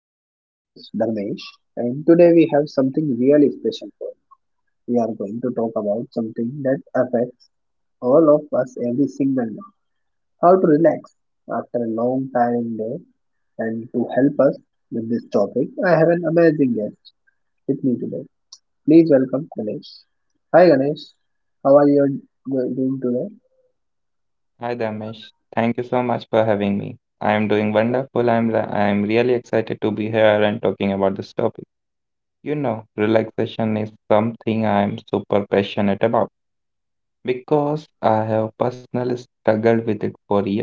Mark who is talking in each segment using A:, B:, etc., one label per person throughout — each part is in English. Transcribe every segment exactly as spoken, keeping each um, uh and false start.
A: It's your host Dharmesh and today we have something really special for you. We are going to talk about something that affects all of us every single day. How to relax after a long tiring day, and to help us with this topic I have an amazing guest with me today. Please welcome Ganesh. Hi Ganesh, how are you doing today?
B: Hi Damesh, thank you so much for having me. I am doing wonderful. I'm re- I'm really excited to be here and talking about this topic. You know, relaxation is something I'm super passionate about because I have personally struggled with it for years.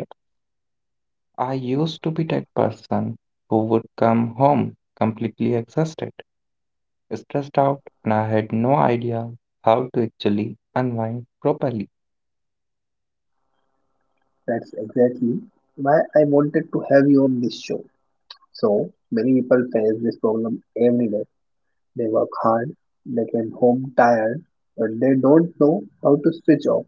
B: I used to be that person who would come home completely exhausted, stressed out, and I had no idea how to actually unwind properly.
A: That's exactly why I wanted to have you on this show. So many people face this problem every day. They work hard, they came home tired, but they don't know how to switch off.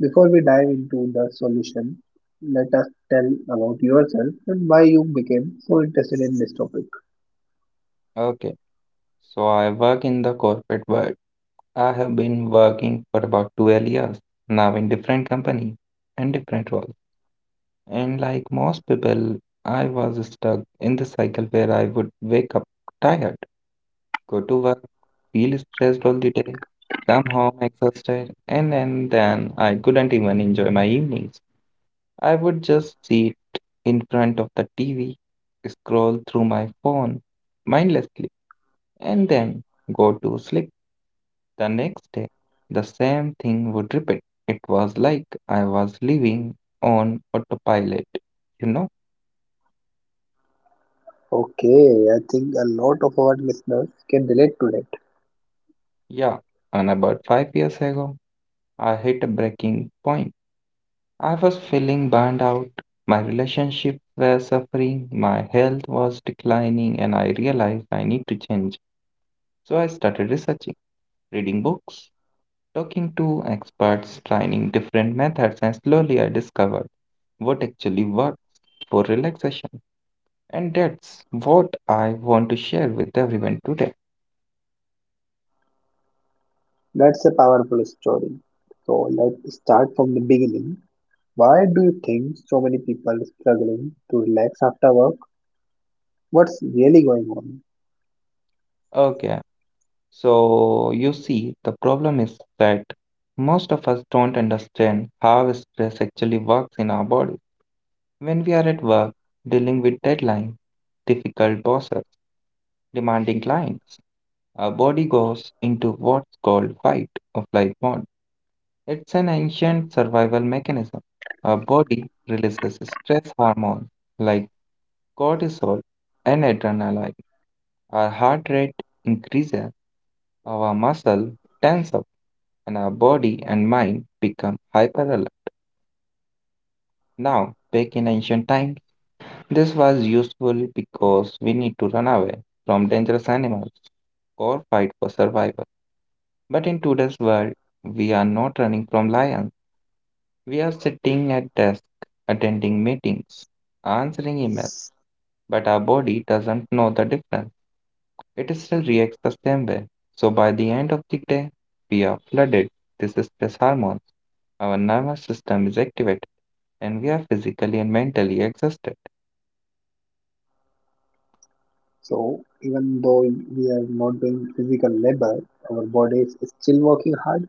A: Before we dive into the solution, let us tell about yourself and why you became so interested in this topic.
B: Okay, so I work in the corporate world. I have been working for about twelve years now in different company and different roles. And like most people, I was stuck in the cycle where I would wake up tired, go to work, feel stressed all the day, come home exhausted, and, and then I couldn't even enjoy my evenings. I would just sit in front of the T V, scroll through my phone mindlessly, and then go to sleep. The next day, the same thing would repeat. It was like I was living on autopilot, you know?
A: Okay, I think a lot of our listeners can relate to that.
B: Yeah. And about five years ago, I hit a breaking point. I was feeling burned out. My relationships were suffering, my health was declining, and I realized I need to change. So I started researching, reading books, talking to experts, trying different methods, and slowly I discovered what actually worked for relaxation. And that's what I want to share with everyone today.
A: That's a powerful story. So let's start from the beginning. Why do you think so many people are struggling to relax after work? What's really going on?
B: Okay, so you see, the problem is that most of us don't understand how stress actually works in our body. When we are at work, dealing with deadlines, difficult bosses, demanding clients, our body goes into what's called fight or flight mode. It's an ancient survival mechanism. Our body releases stress hormones like cortisol and adrenaline. Our heart rate increases, our muscle tense up, and our body and mind become hyperalert. Now, back in ancient times, this was useful because we need to run away from dangerous animals or fight for survival. But in today's world, we are not running from lions. We are sitting at desk, attending meetings, answering email, but our body doesn't know the difference. It still reacts the same way. So by the end of the day, we are flooded with stress hormones. Our nervous system is activated and we are physically and mentally exhausted.
A: So even though we are not doing physical labor, our body is still working hard.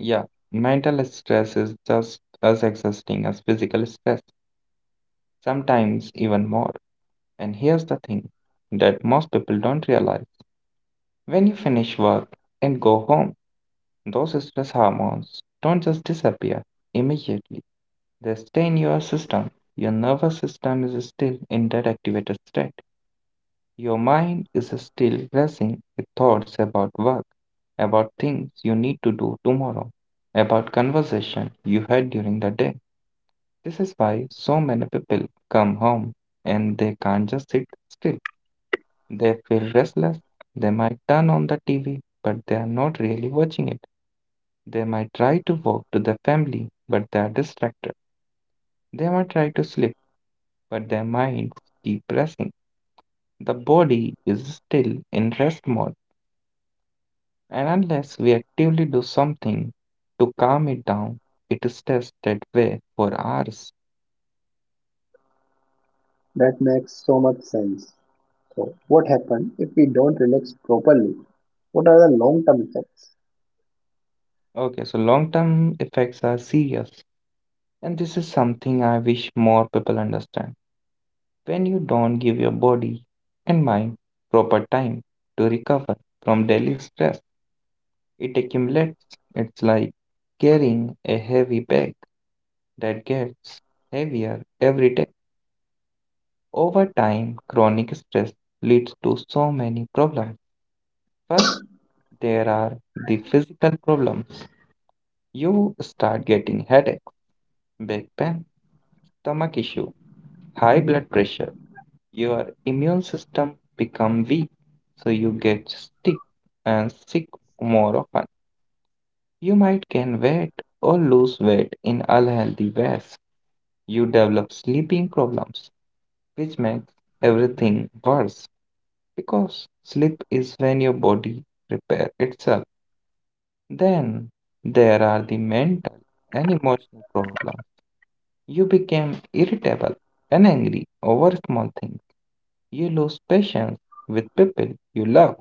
B: Yeah, mental stress is just as exhausting as physical stress, sometimes even more. And here's the thing that most people don't realize. When you finish work and go home, those stress hormones don't just disappear immediately, they stay in your system. Your nervous system is still in that activated state. Your mind is still racing with thoughts about work, about things you need to do tomorrow, about conversation you had during the day. This is why so many people come home and they can't just sit still. They feel restless. They might turn on the TV, but they are not really watching it. They might try to walk to the family, but they are distracted. They might try to sleep, but their minds keep pressing. The body is still in rest mode, and unless we actively do something to calm it down, it stays that way for hours.
A: That makes so much sense. So what happens if we don't relax properly? What are the long-term effects?
B: Okay, so long term effects are serious, and this is something I wish more people understand. When you don't give your body and mind proper time to recover from daily stress, it accumulates. It's like carrying a heavy bag that gets heavier every day. Over time, chronic stress leads to so many problems. First, there are the physical problems. You start getting headaches, back pain, stomach issue, high blood pressure. Your immune system become weak, so you get sick and sick more often. You might gain weight or lose weight in unhealthy ways. You develop sleeping problems, which makes everything worse because sleep is when your body repairs itself. Then there are the mental and emotional problems. You become irritable and angry over small things. You lose patience with people you love.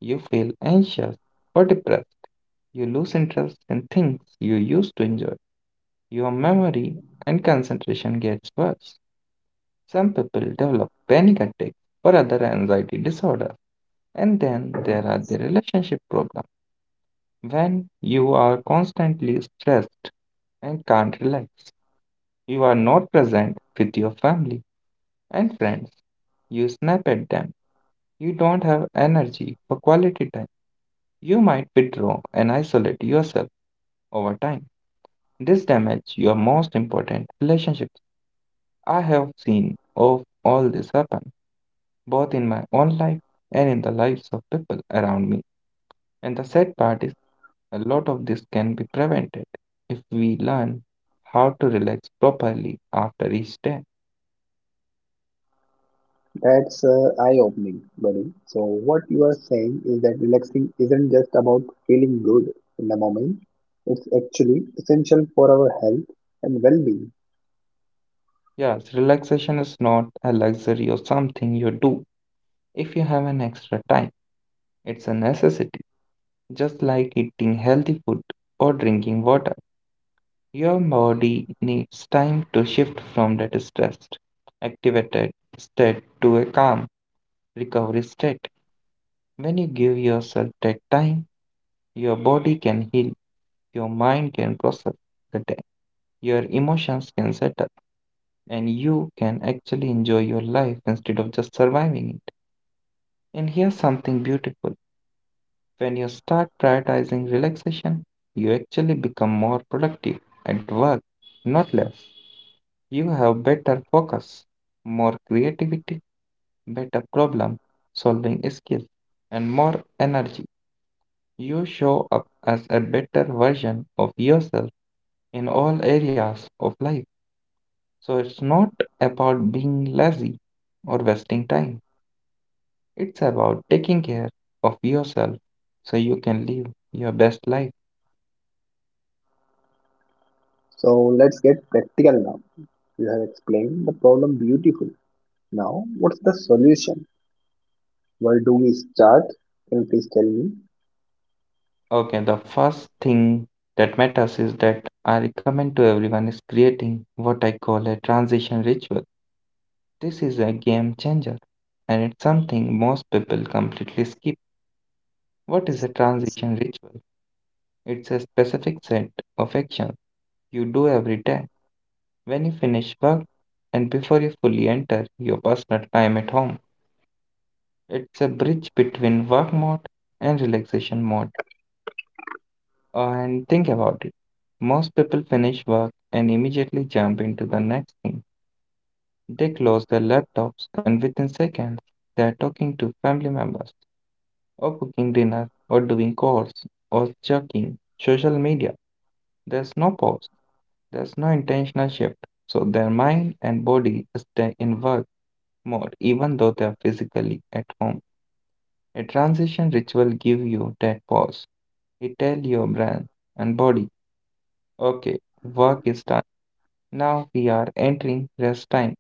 B: You feel anxious or depressed. You lose interest in things you used to enjoy. Your memory and concentration gets worse. Some people develop panic attacks or other anxiety disorder. And then there are the relationship problems. When you are constantly stressed and can't relax, you are not present with your family and friends. You snap at them. You don't have energy for quality time. You might withdraw and isolate yourself over time. This damages your most important relationships. I have seen of all this happen, both in my own life and in the lives of people around me. And the sad part is, a lot of this can be prevented if we learn how to relax properly after each day.
A: That's uh, eye-opening, buddy. So what you are saying is that relaxing isn't just about feeling good in the moment. It's actually essential for our health and well-being.
B: Yes, relaxation is not a luxury or something you do if you have an extra time. It's a necessity, just like eating healthy food or drinking water. Your body needs time to shift from that stressed, activated state to a calm recovery state. When you give yourself that time, your body can heal, your mind can process the day, your emotions can settle, and you can actually enjoy your life instead of just surviving it. And here's something beautiful: when you start prioritizing relaxation, you actually become more productive at work, not less. You have better focus, more creativity, better problem solving skills, and more energy. You show up as a better version of yourself in all areas of life. So it's not about being lazy or wasting time. It's about taking care of yourself so you can live your best life.
A: So let's get practical now. You have explained the problem beautifully. Now, what's the solution? Where do we start? Can you please tell me?
B: Okay, the first thing that matters is that I recommend to everyone is creating what I call a transition ritual. This is a game changer and it's something most people completely skip. What is a transition ritual? It's a specific set of actions you do every day when you finish work and before you fully enter your personal time at home. It's a bridge between work mode and relaxation mode. And think about it. Most people finish work and immediately jump into the next thing. They close their laptops and within seconds they are talking to family members or cooking dinner or doing chores or checking social media. There's no pause. There's no intentional shift, so their mind and body stay in work mode even though they're physically at home. A transition ritual give you that pause. It tell your brain and body, okay, work is done. Now we are entering rest time.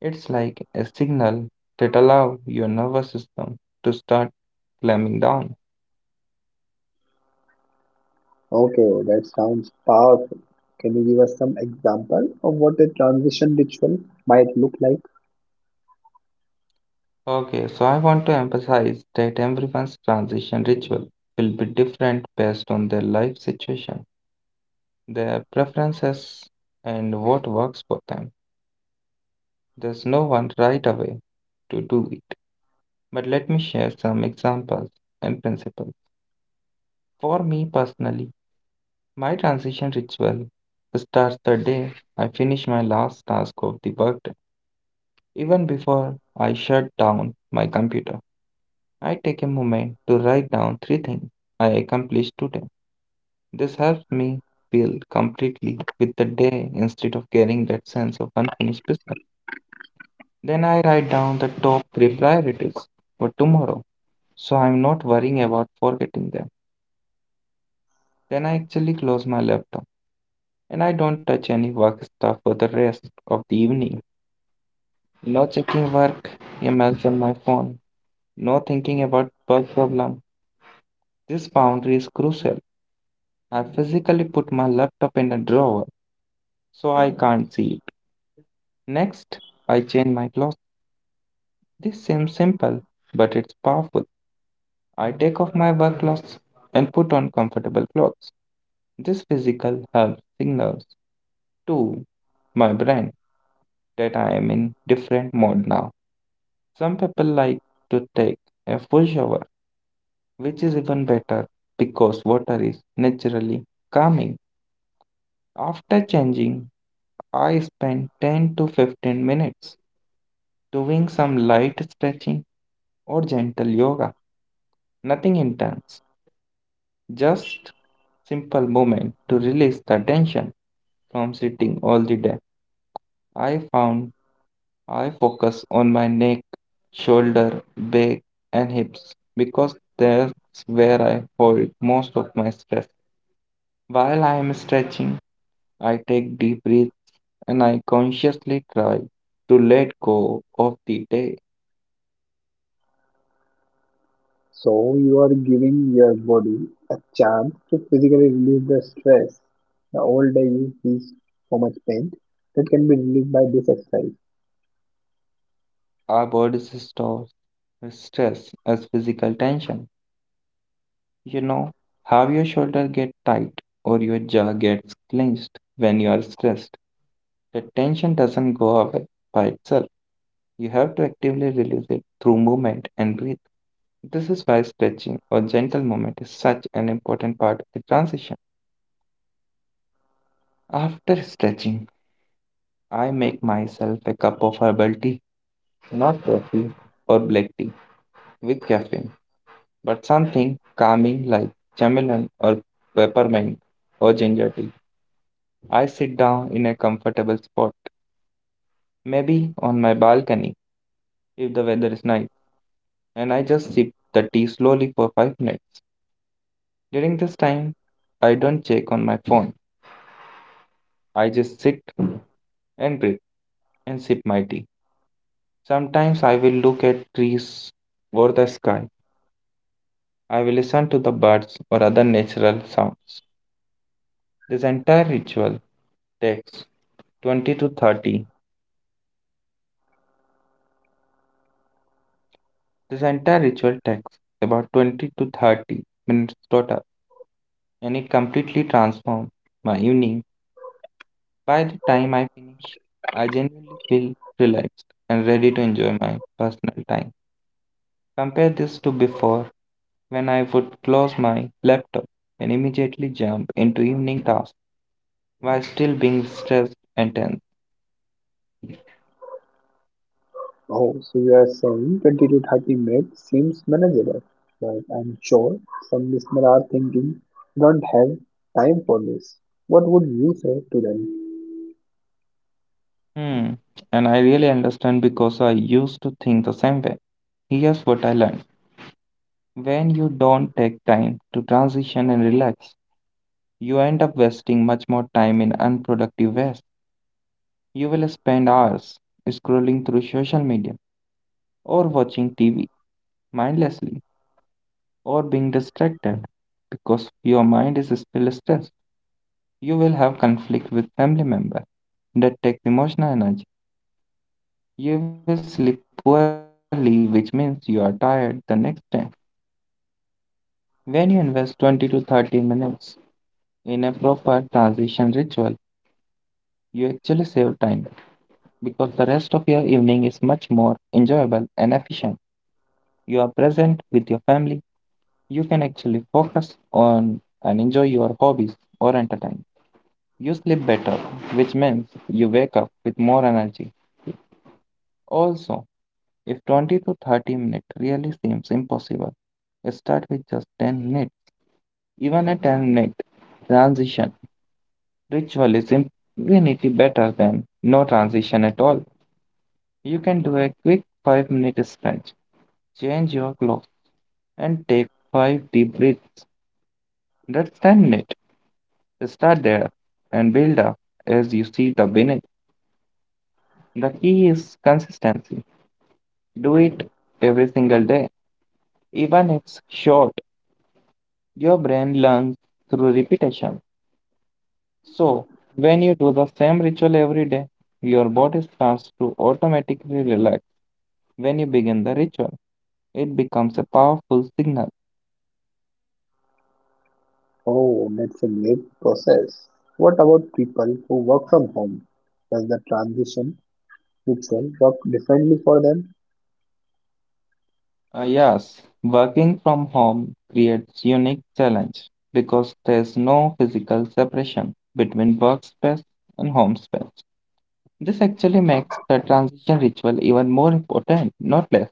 B: It's like a signal that allow your nervous system to start climbing down.
A: Okay, oh, that sounds powerful. Can you give us some example of what a transition ritual might look like?
B: Okay, so I want to emphasize that everyone's transition ritual will be different based on their life situation, their preferences and what works for them. There's no one right away to do it. But let me share some examples and principles. For me personally, my transition ritual starts the day I finish my last task of the workday. Even before I shut down my computer, I take a moment to write down three things I accomplished today. This helps me feel completely with the day instead of carrying that sense of unfinished business. Then I write down the top three priorities for tomorrow so I'm not worrying about forgetting them. Then I actually close my laptop and I don't touch any work stuff for the rest of the evening. No checking work emails on my phone, no thinking about work problem. This boundary is crucial. I physically put my laptop in a drawer so I can't see it. Next, I change my clothes. This seems simple, but it's powerful. I take off my work clothes and put on comfortable clothes. This physical help signals to my brain that I am in different mode now. Some people like to take a full shower, which is even better because water is naturally calming. After changing, I spend ten to fifteen minutes doing some light stretching or gentle yoga. Nothing intense, just simple movement to release the tension from sitting all the day. I found I focus on my neck, shoulder, back, and hips because that's where I hold most of my stress. While I am stretching, I take deep breaths and I consciously try to let go of the day.
A: So you are giving your body a chance to physically release the stress. The old day you feels so much pain that can be released by this exercise.
B: Our bodies stores stress as physical tension. You know how your shoulder get tight or your jaw gets clenched when you are stressed. The tension doesn't go away by itself. You have to actively release it through movement and breathe. This is why stretching or gentle movement is such an important part of the transition. After stretching, I make myself a cup of herbal tea, not coffee or black tea with caffeine, but something calming like chamomile or peppermint or ginger tea. I sit down in a comfortable spot, maybe on my balcony if the weather is nice, and I just sip the tea slowly for five minutes. During this time, I don't check on my phone. I just sit and breathe and sip my tea. Sometimes I will look at trees or the sky. I will listen to the birds or other natural sounds. This entire ritual takes twenty to thirty. This entire ritual takes about twenty to thirty minutes total, and it completely transforms my evening. By the time I finish, I genuinely feel relaxed and ready to enjoy my personal time. Compare this to before, when I would close my laptop and immediately jump into evening tasks while still being stressed and tense.
A: Oh, so you are saying twenty to thirty minutes seems manageable. But I'm sure some listeners are thinking, don't have time for this. What would you say to them?
B: Hmm, and I really understand because I used to think the same way. Here's what I learned. When you don't take time to transition and relax, you end up wasting much more time in unproductive ways. You will spend hours scrolling through social media or watching T V mindlessly or being distracted because your mind is still stressed. You will have conflict with family member that takes emotional energy. You will sleep poorly, which means you are tired the next day. When you invest twenty to thirty minutes in a proper transition ritual, you actually save time because the rest of your evening is much more enjoyable and efficient. You are present with your family. You can actually focus on and enjoy your hobbies or entertain. You sleep better, which means you wake up with more energy. Also, if twenty to thirty minutes really seems impossible, start with just ten minutes. Even a ten minute transition ritual is infinitely better than no transition at all. You can do a quick five minute stretch, change your clothes, and take five deep breaths. That's ten minutes. Start there and build up as you see the benefit. The key is consistency. Do it every single day, even if it's short. Your brain learns through repetition. So, when you do the same ritual every day, your body starts to automatically relax. When you begin the ritual, it becomes a powerful signal.
A: Oh, that's a great process. What about people who work from home? Does the transition ritual work differently for them?
B: Uh, yes, working from home creates unique challenge because there's no physical separation between workspace and home space. This actually makes the transition ritual even more important, not less.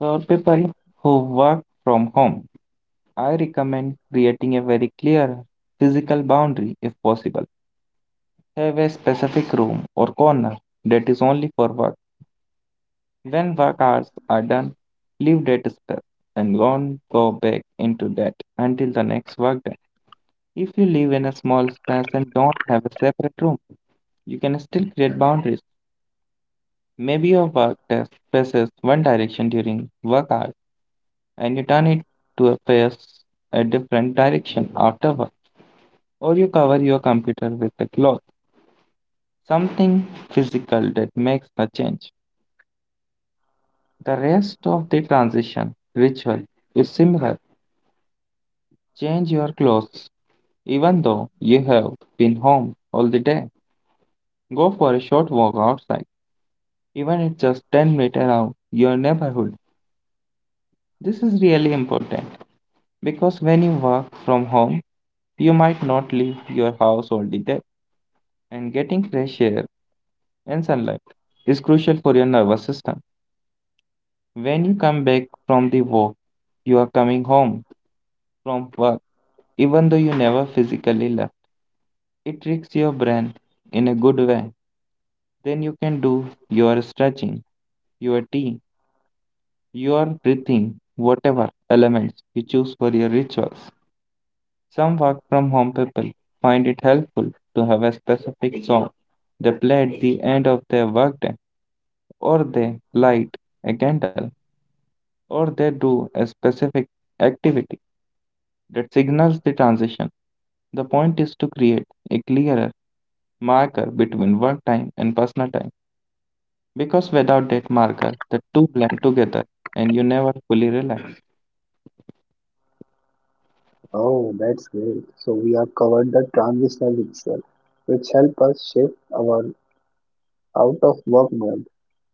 B: For people who work from home, I recommend creating a very clear physical boundary if possible. Have a specific room or corner that is only for work. When work hours are done, leave that space and don't go back into that until the next work day. If you live in a small space and don't have a separate room, you can still create boundaries. Maybe your work desk faces one direction during work hours, and you turn it to face a different direction after work, or you cover your computer with a cloth. Something physical that makes a change. The rest of the transition ritual is similar. Change your clothes, even though you have been home all the day. Go for a short walk outside, even if just ten minutes around your neighborhood. This is really important because when you work from home, you might not leave your house all the day, and getting fresh air and sunlight is crucial for your nervous system. When you come back from the walk, you are coming home from work, even though you never physically left. It tricks your brain in a good way. Then you can do your stretching, your tea, your breathing, whatever elements you choose for your rituals. Some work from home people find it helpful to have a specific song they play at the end of their workday, or they light a candle, or they do a specific activity that signals the transition. The point is to create a clearer marker between work time and personal time, because without that marker, the two blend together and you never fully relax.
A: Oh, that's great. So we have covered the transitional ritual, which help us shift our out of work mode.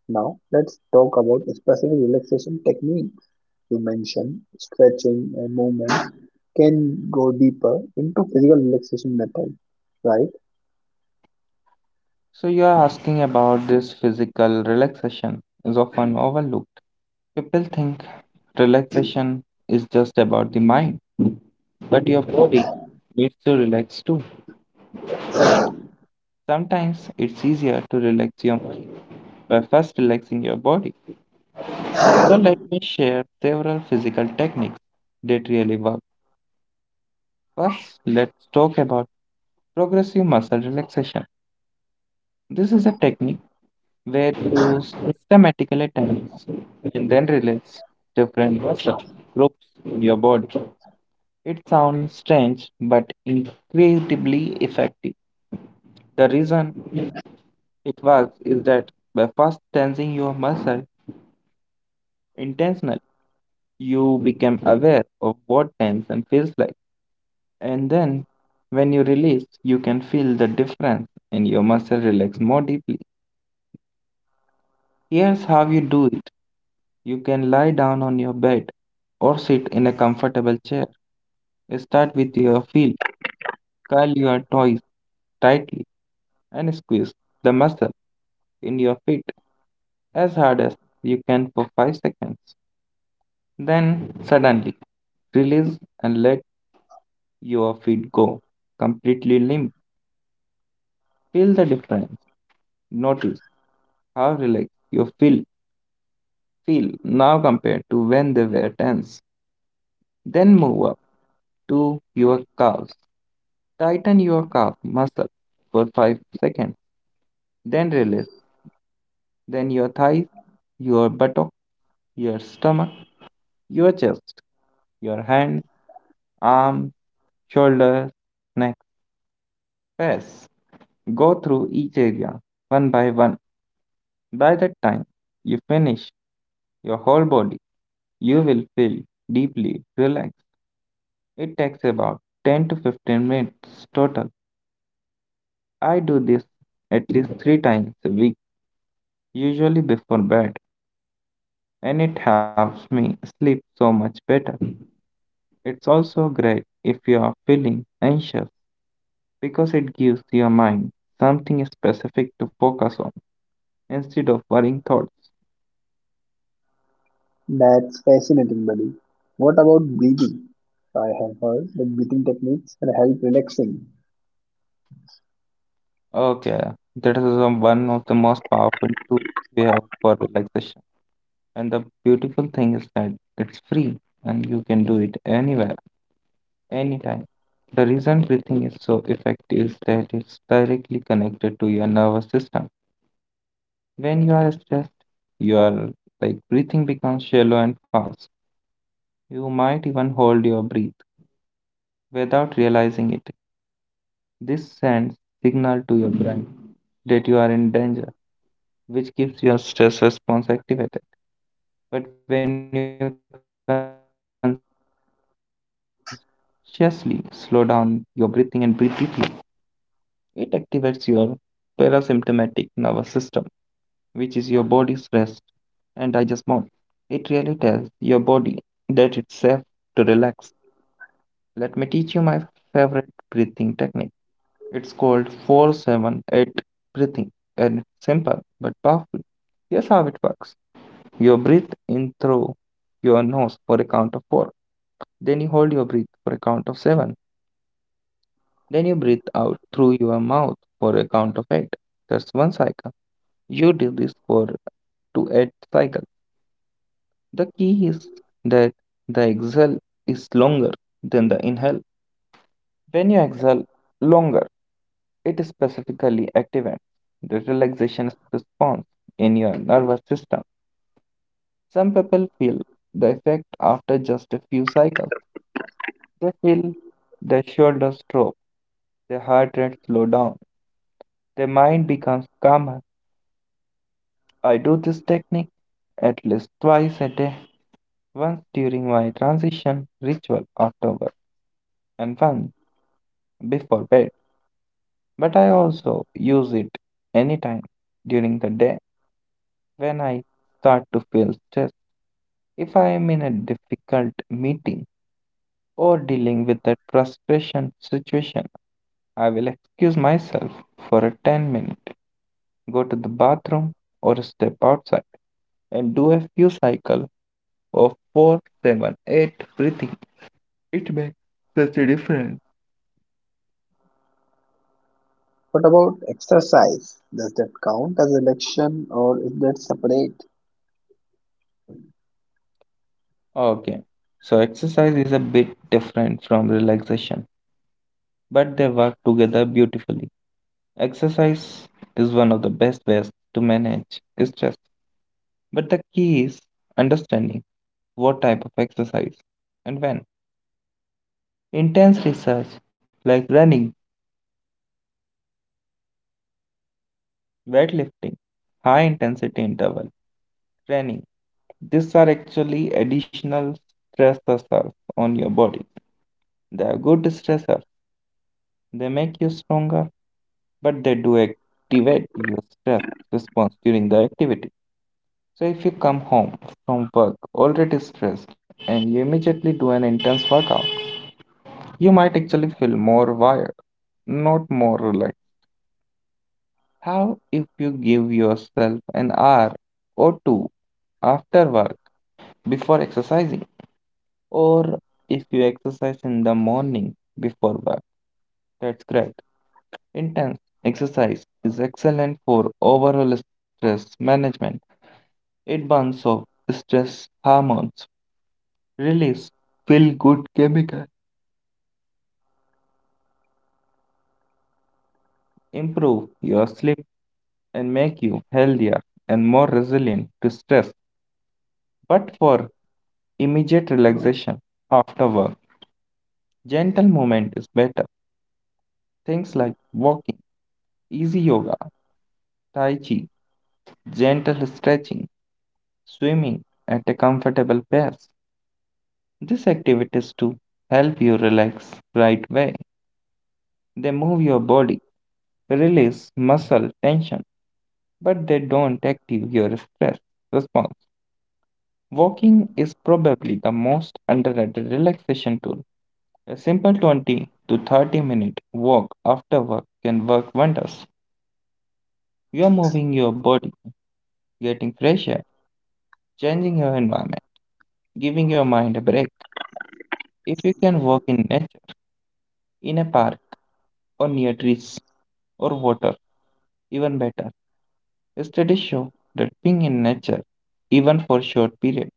A: Now let's talk about specific relaxation techniques. You mentioned stretching and movement can go deeper into physical relaxation method, right?
B: So, you are asking about this physical relaxation is often overlooked. People think relaxation is just about the mind, but your body needs to relax too. Right? Sometimes it's easier to relax your mind by first relaxing your body. So, let me share several physical techniques that really work. First, let's talk about progressive muscle relaxation. This is a technique where you systematically tense and then release different muscle groups in your body. It sounds strange but incredibly effective. The reason it works is that by first tensing your muscle intentionally, you become aware of what tension feels like, and then when you release, you can feel the difference and your muscle relax more deeply. Here's how you do it. You can lie down on your bed or sit in a comfortable chair. Start with your feet, curl your toes tightly, and squeeze the muscle in your feet as hard as you can for five seconds. Then suddenly release and let your feet go completely limp. Feel the difference. Notice how relaxed you feel feel now compared to when they were tense. Then move up to your calves. Tighten your calf muscle for five seconds, then release. Then your thighs, your buttock, your stomach, your chest, your hands, arms, shoulders, neck, face. Go through each area one by one. By that time you finish your whole body, you will feel deeply relaxed. It takes about ten to fifteen minutes total. I do this at least three times a week, usually before bed, and it helps me sleep so much better. It's also great if you are feeling anxious because it gives your mind something specific to focus on instead of worrying thoughts.
A: That's fascinating, buddy. What about breathing? I have heard that breathing techniques can help relaxing.
B: Okay, that is the one of the most powerful tools we have for relaxation. And the beautiful thing is that it's free and you can do it anywhere, anytime. The reason breathing is so effective is that it's directly connected to your nervous system. When you are stressed, your like breathing becomes shallow and fast. You might even hold your breath without realizing it. This sends signal to your brain that you are in danger, which keeps your stress response activated. But when you consciously slow down your breathing and breathe deeply, it activates your parasympathetic nervous system, which is your body's rest and digest mode. It really tells your body that it's safe to relax. Let me teach you my favorite breathing technique. It's called four seven eight breathing, and it's simple but powerful. Here's how it works. You breathe in through your nose for a count of four. Then you hold your breath for a count of seven. Then you breathe out through your mouth for a count of eight. That's one cycle. You do this for to eight cycles. The key is that the exhale is longer than the inhale. When you exhale longer, it specifically activates the relaxation response in your nervous system. Some people feel the effect after just a few cycles. They feel their shoulders drop, their heart rate slow down, their mind becomes calmer. I do this technique at least twice a day, once during my transition ritual after work and once before bed. But I also use it anytime during the day when I start to feel stressed. If I am in a difficult meeting or dealing with a frustration situation, I will excuse myself for a ten minute, go to the bathroom or step outside, and do a few cycle of four, seven, eight, breathing. It makes such a difference.
A: What about exercise? Does that count as relaxation or is that separate?
B: Okay. So exercise is a bit different from relaxation, but they work together beautifully. Exercise is one of the best ways to manage stress, but the key is understanding what type of exercise and when. Intense research like running, weightlifting, high intensity interval training, these are actually additional stress testers on your body. They are good stressors, they make you stronger, but they do activate your stress response during the activity. So if you come home from work already stressed and you immediately do an intense workout, you might actually feel more wired, not more relaxed. How if you give yourself an hour or two after work before exercising, or if you exercise in the morning before work? That's great. Intense exercise is excellent for overall stress management. It burns off stress hormones, release feel good chemicals, improve your sleep, and make you healthier and more resilient to stress. But for immediate relaxation after work, gentle movement is better. Things like walking, easy yoga, tai chi, gentle stretching, swimming at a comfortable pace. These activities to help you relax right way. They move your body, release muscle tension, but they don't active your stress response. Walking is probably the most underrated relaxation tool. A simple twenty to thirty minute walk after work can work wonders. You are moving your body, getting fresh air, changing your environment, giving your mind a break. If you can walk in nature, in a park, or near trees or water, even better. Studies show that being in nature, even for short period,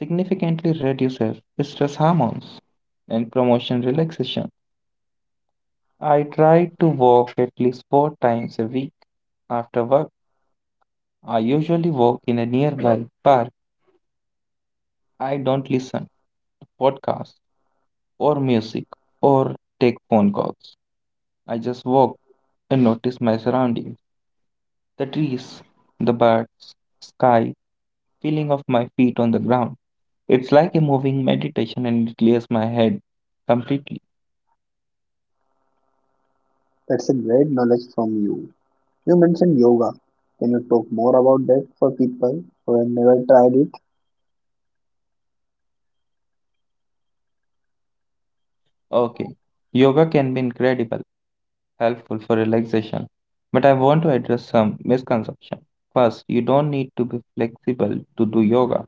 B: significantly reduces stress hormones and promotion relaxation. I try to walk at least four times a week. After work, I usually walk in a nearby park. I don't listen to podcasts or music or take phone calls. I just walk and notice my surroundings, the trees, the birds, sky, feeling of my feet on the ground. It's like a moving meditation and it clears my head completely.
A: That's a great knowledge from you. You mentioned yoga. Can you talk more about that for people who have never tried it?
B: Okay. Yoga can be incredible. Helpful for relaxation, but I want to address some misconceptions. First, you don't need to be flexible to do yoga.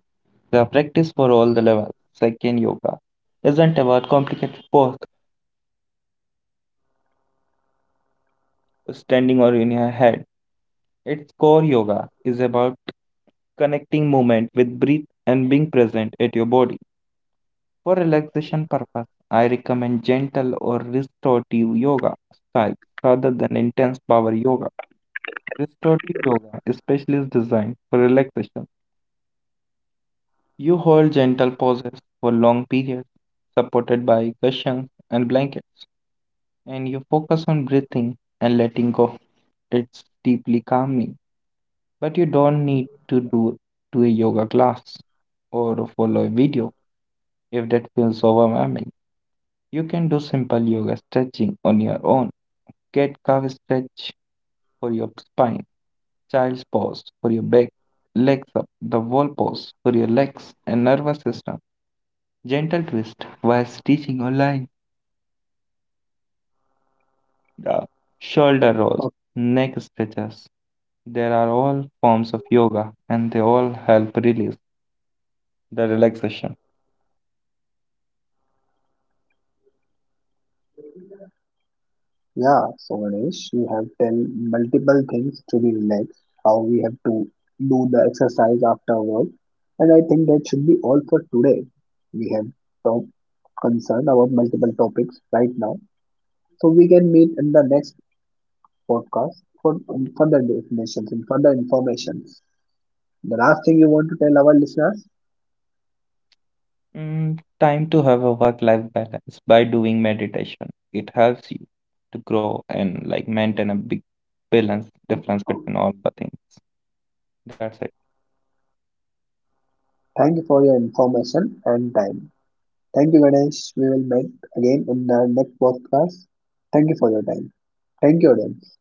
B: There are practice for all the levels. Second, yoga isn't about complicated pose, standing or in your head. Its core yoga is about connecting movement with breath and being present at your body. For relaxation purpose, I recommend gentle or restorative yoga styles rather than intense power yoga. Restorative yoga especially is designed for relaxation. You hold gentle poses for long periods, supported by cushions and blankets, and you focus on breathing and letting go. It's deeply calming, but you don't need to do to a yoga class or follow a video if that feels overwhelming. You can do simple yoga stretching on your own. Cat cow stretch for your spine, child's pose for your back, legs up, the wall pose for your legs and nervous system, gentle twist while stitching or lying. uh, Shoulder rolls, neck stretches. There are all forms of yoga and they all help release the relaxation.
A: Yeah, so Ganesh, you have tell multiple things to be relaxed, how we have to do the exercise after work, and I think that should be all for today. We have talked concerned about multiple topics right now, so we can meet in the next podcast for um, further definitions and further information. The last thing you want to tell our listeners,
B: Mm, time to have a work life balance by doing meditation. It helps you to grow and like maintain a big balance difference between all the things. That's it.
A: thank you for your information and time. Thank you, Ganesh. We will meet again in the next podcast. Thank you for your time. Thank you, audience.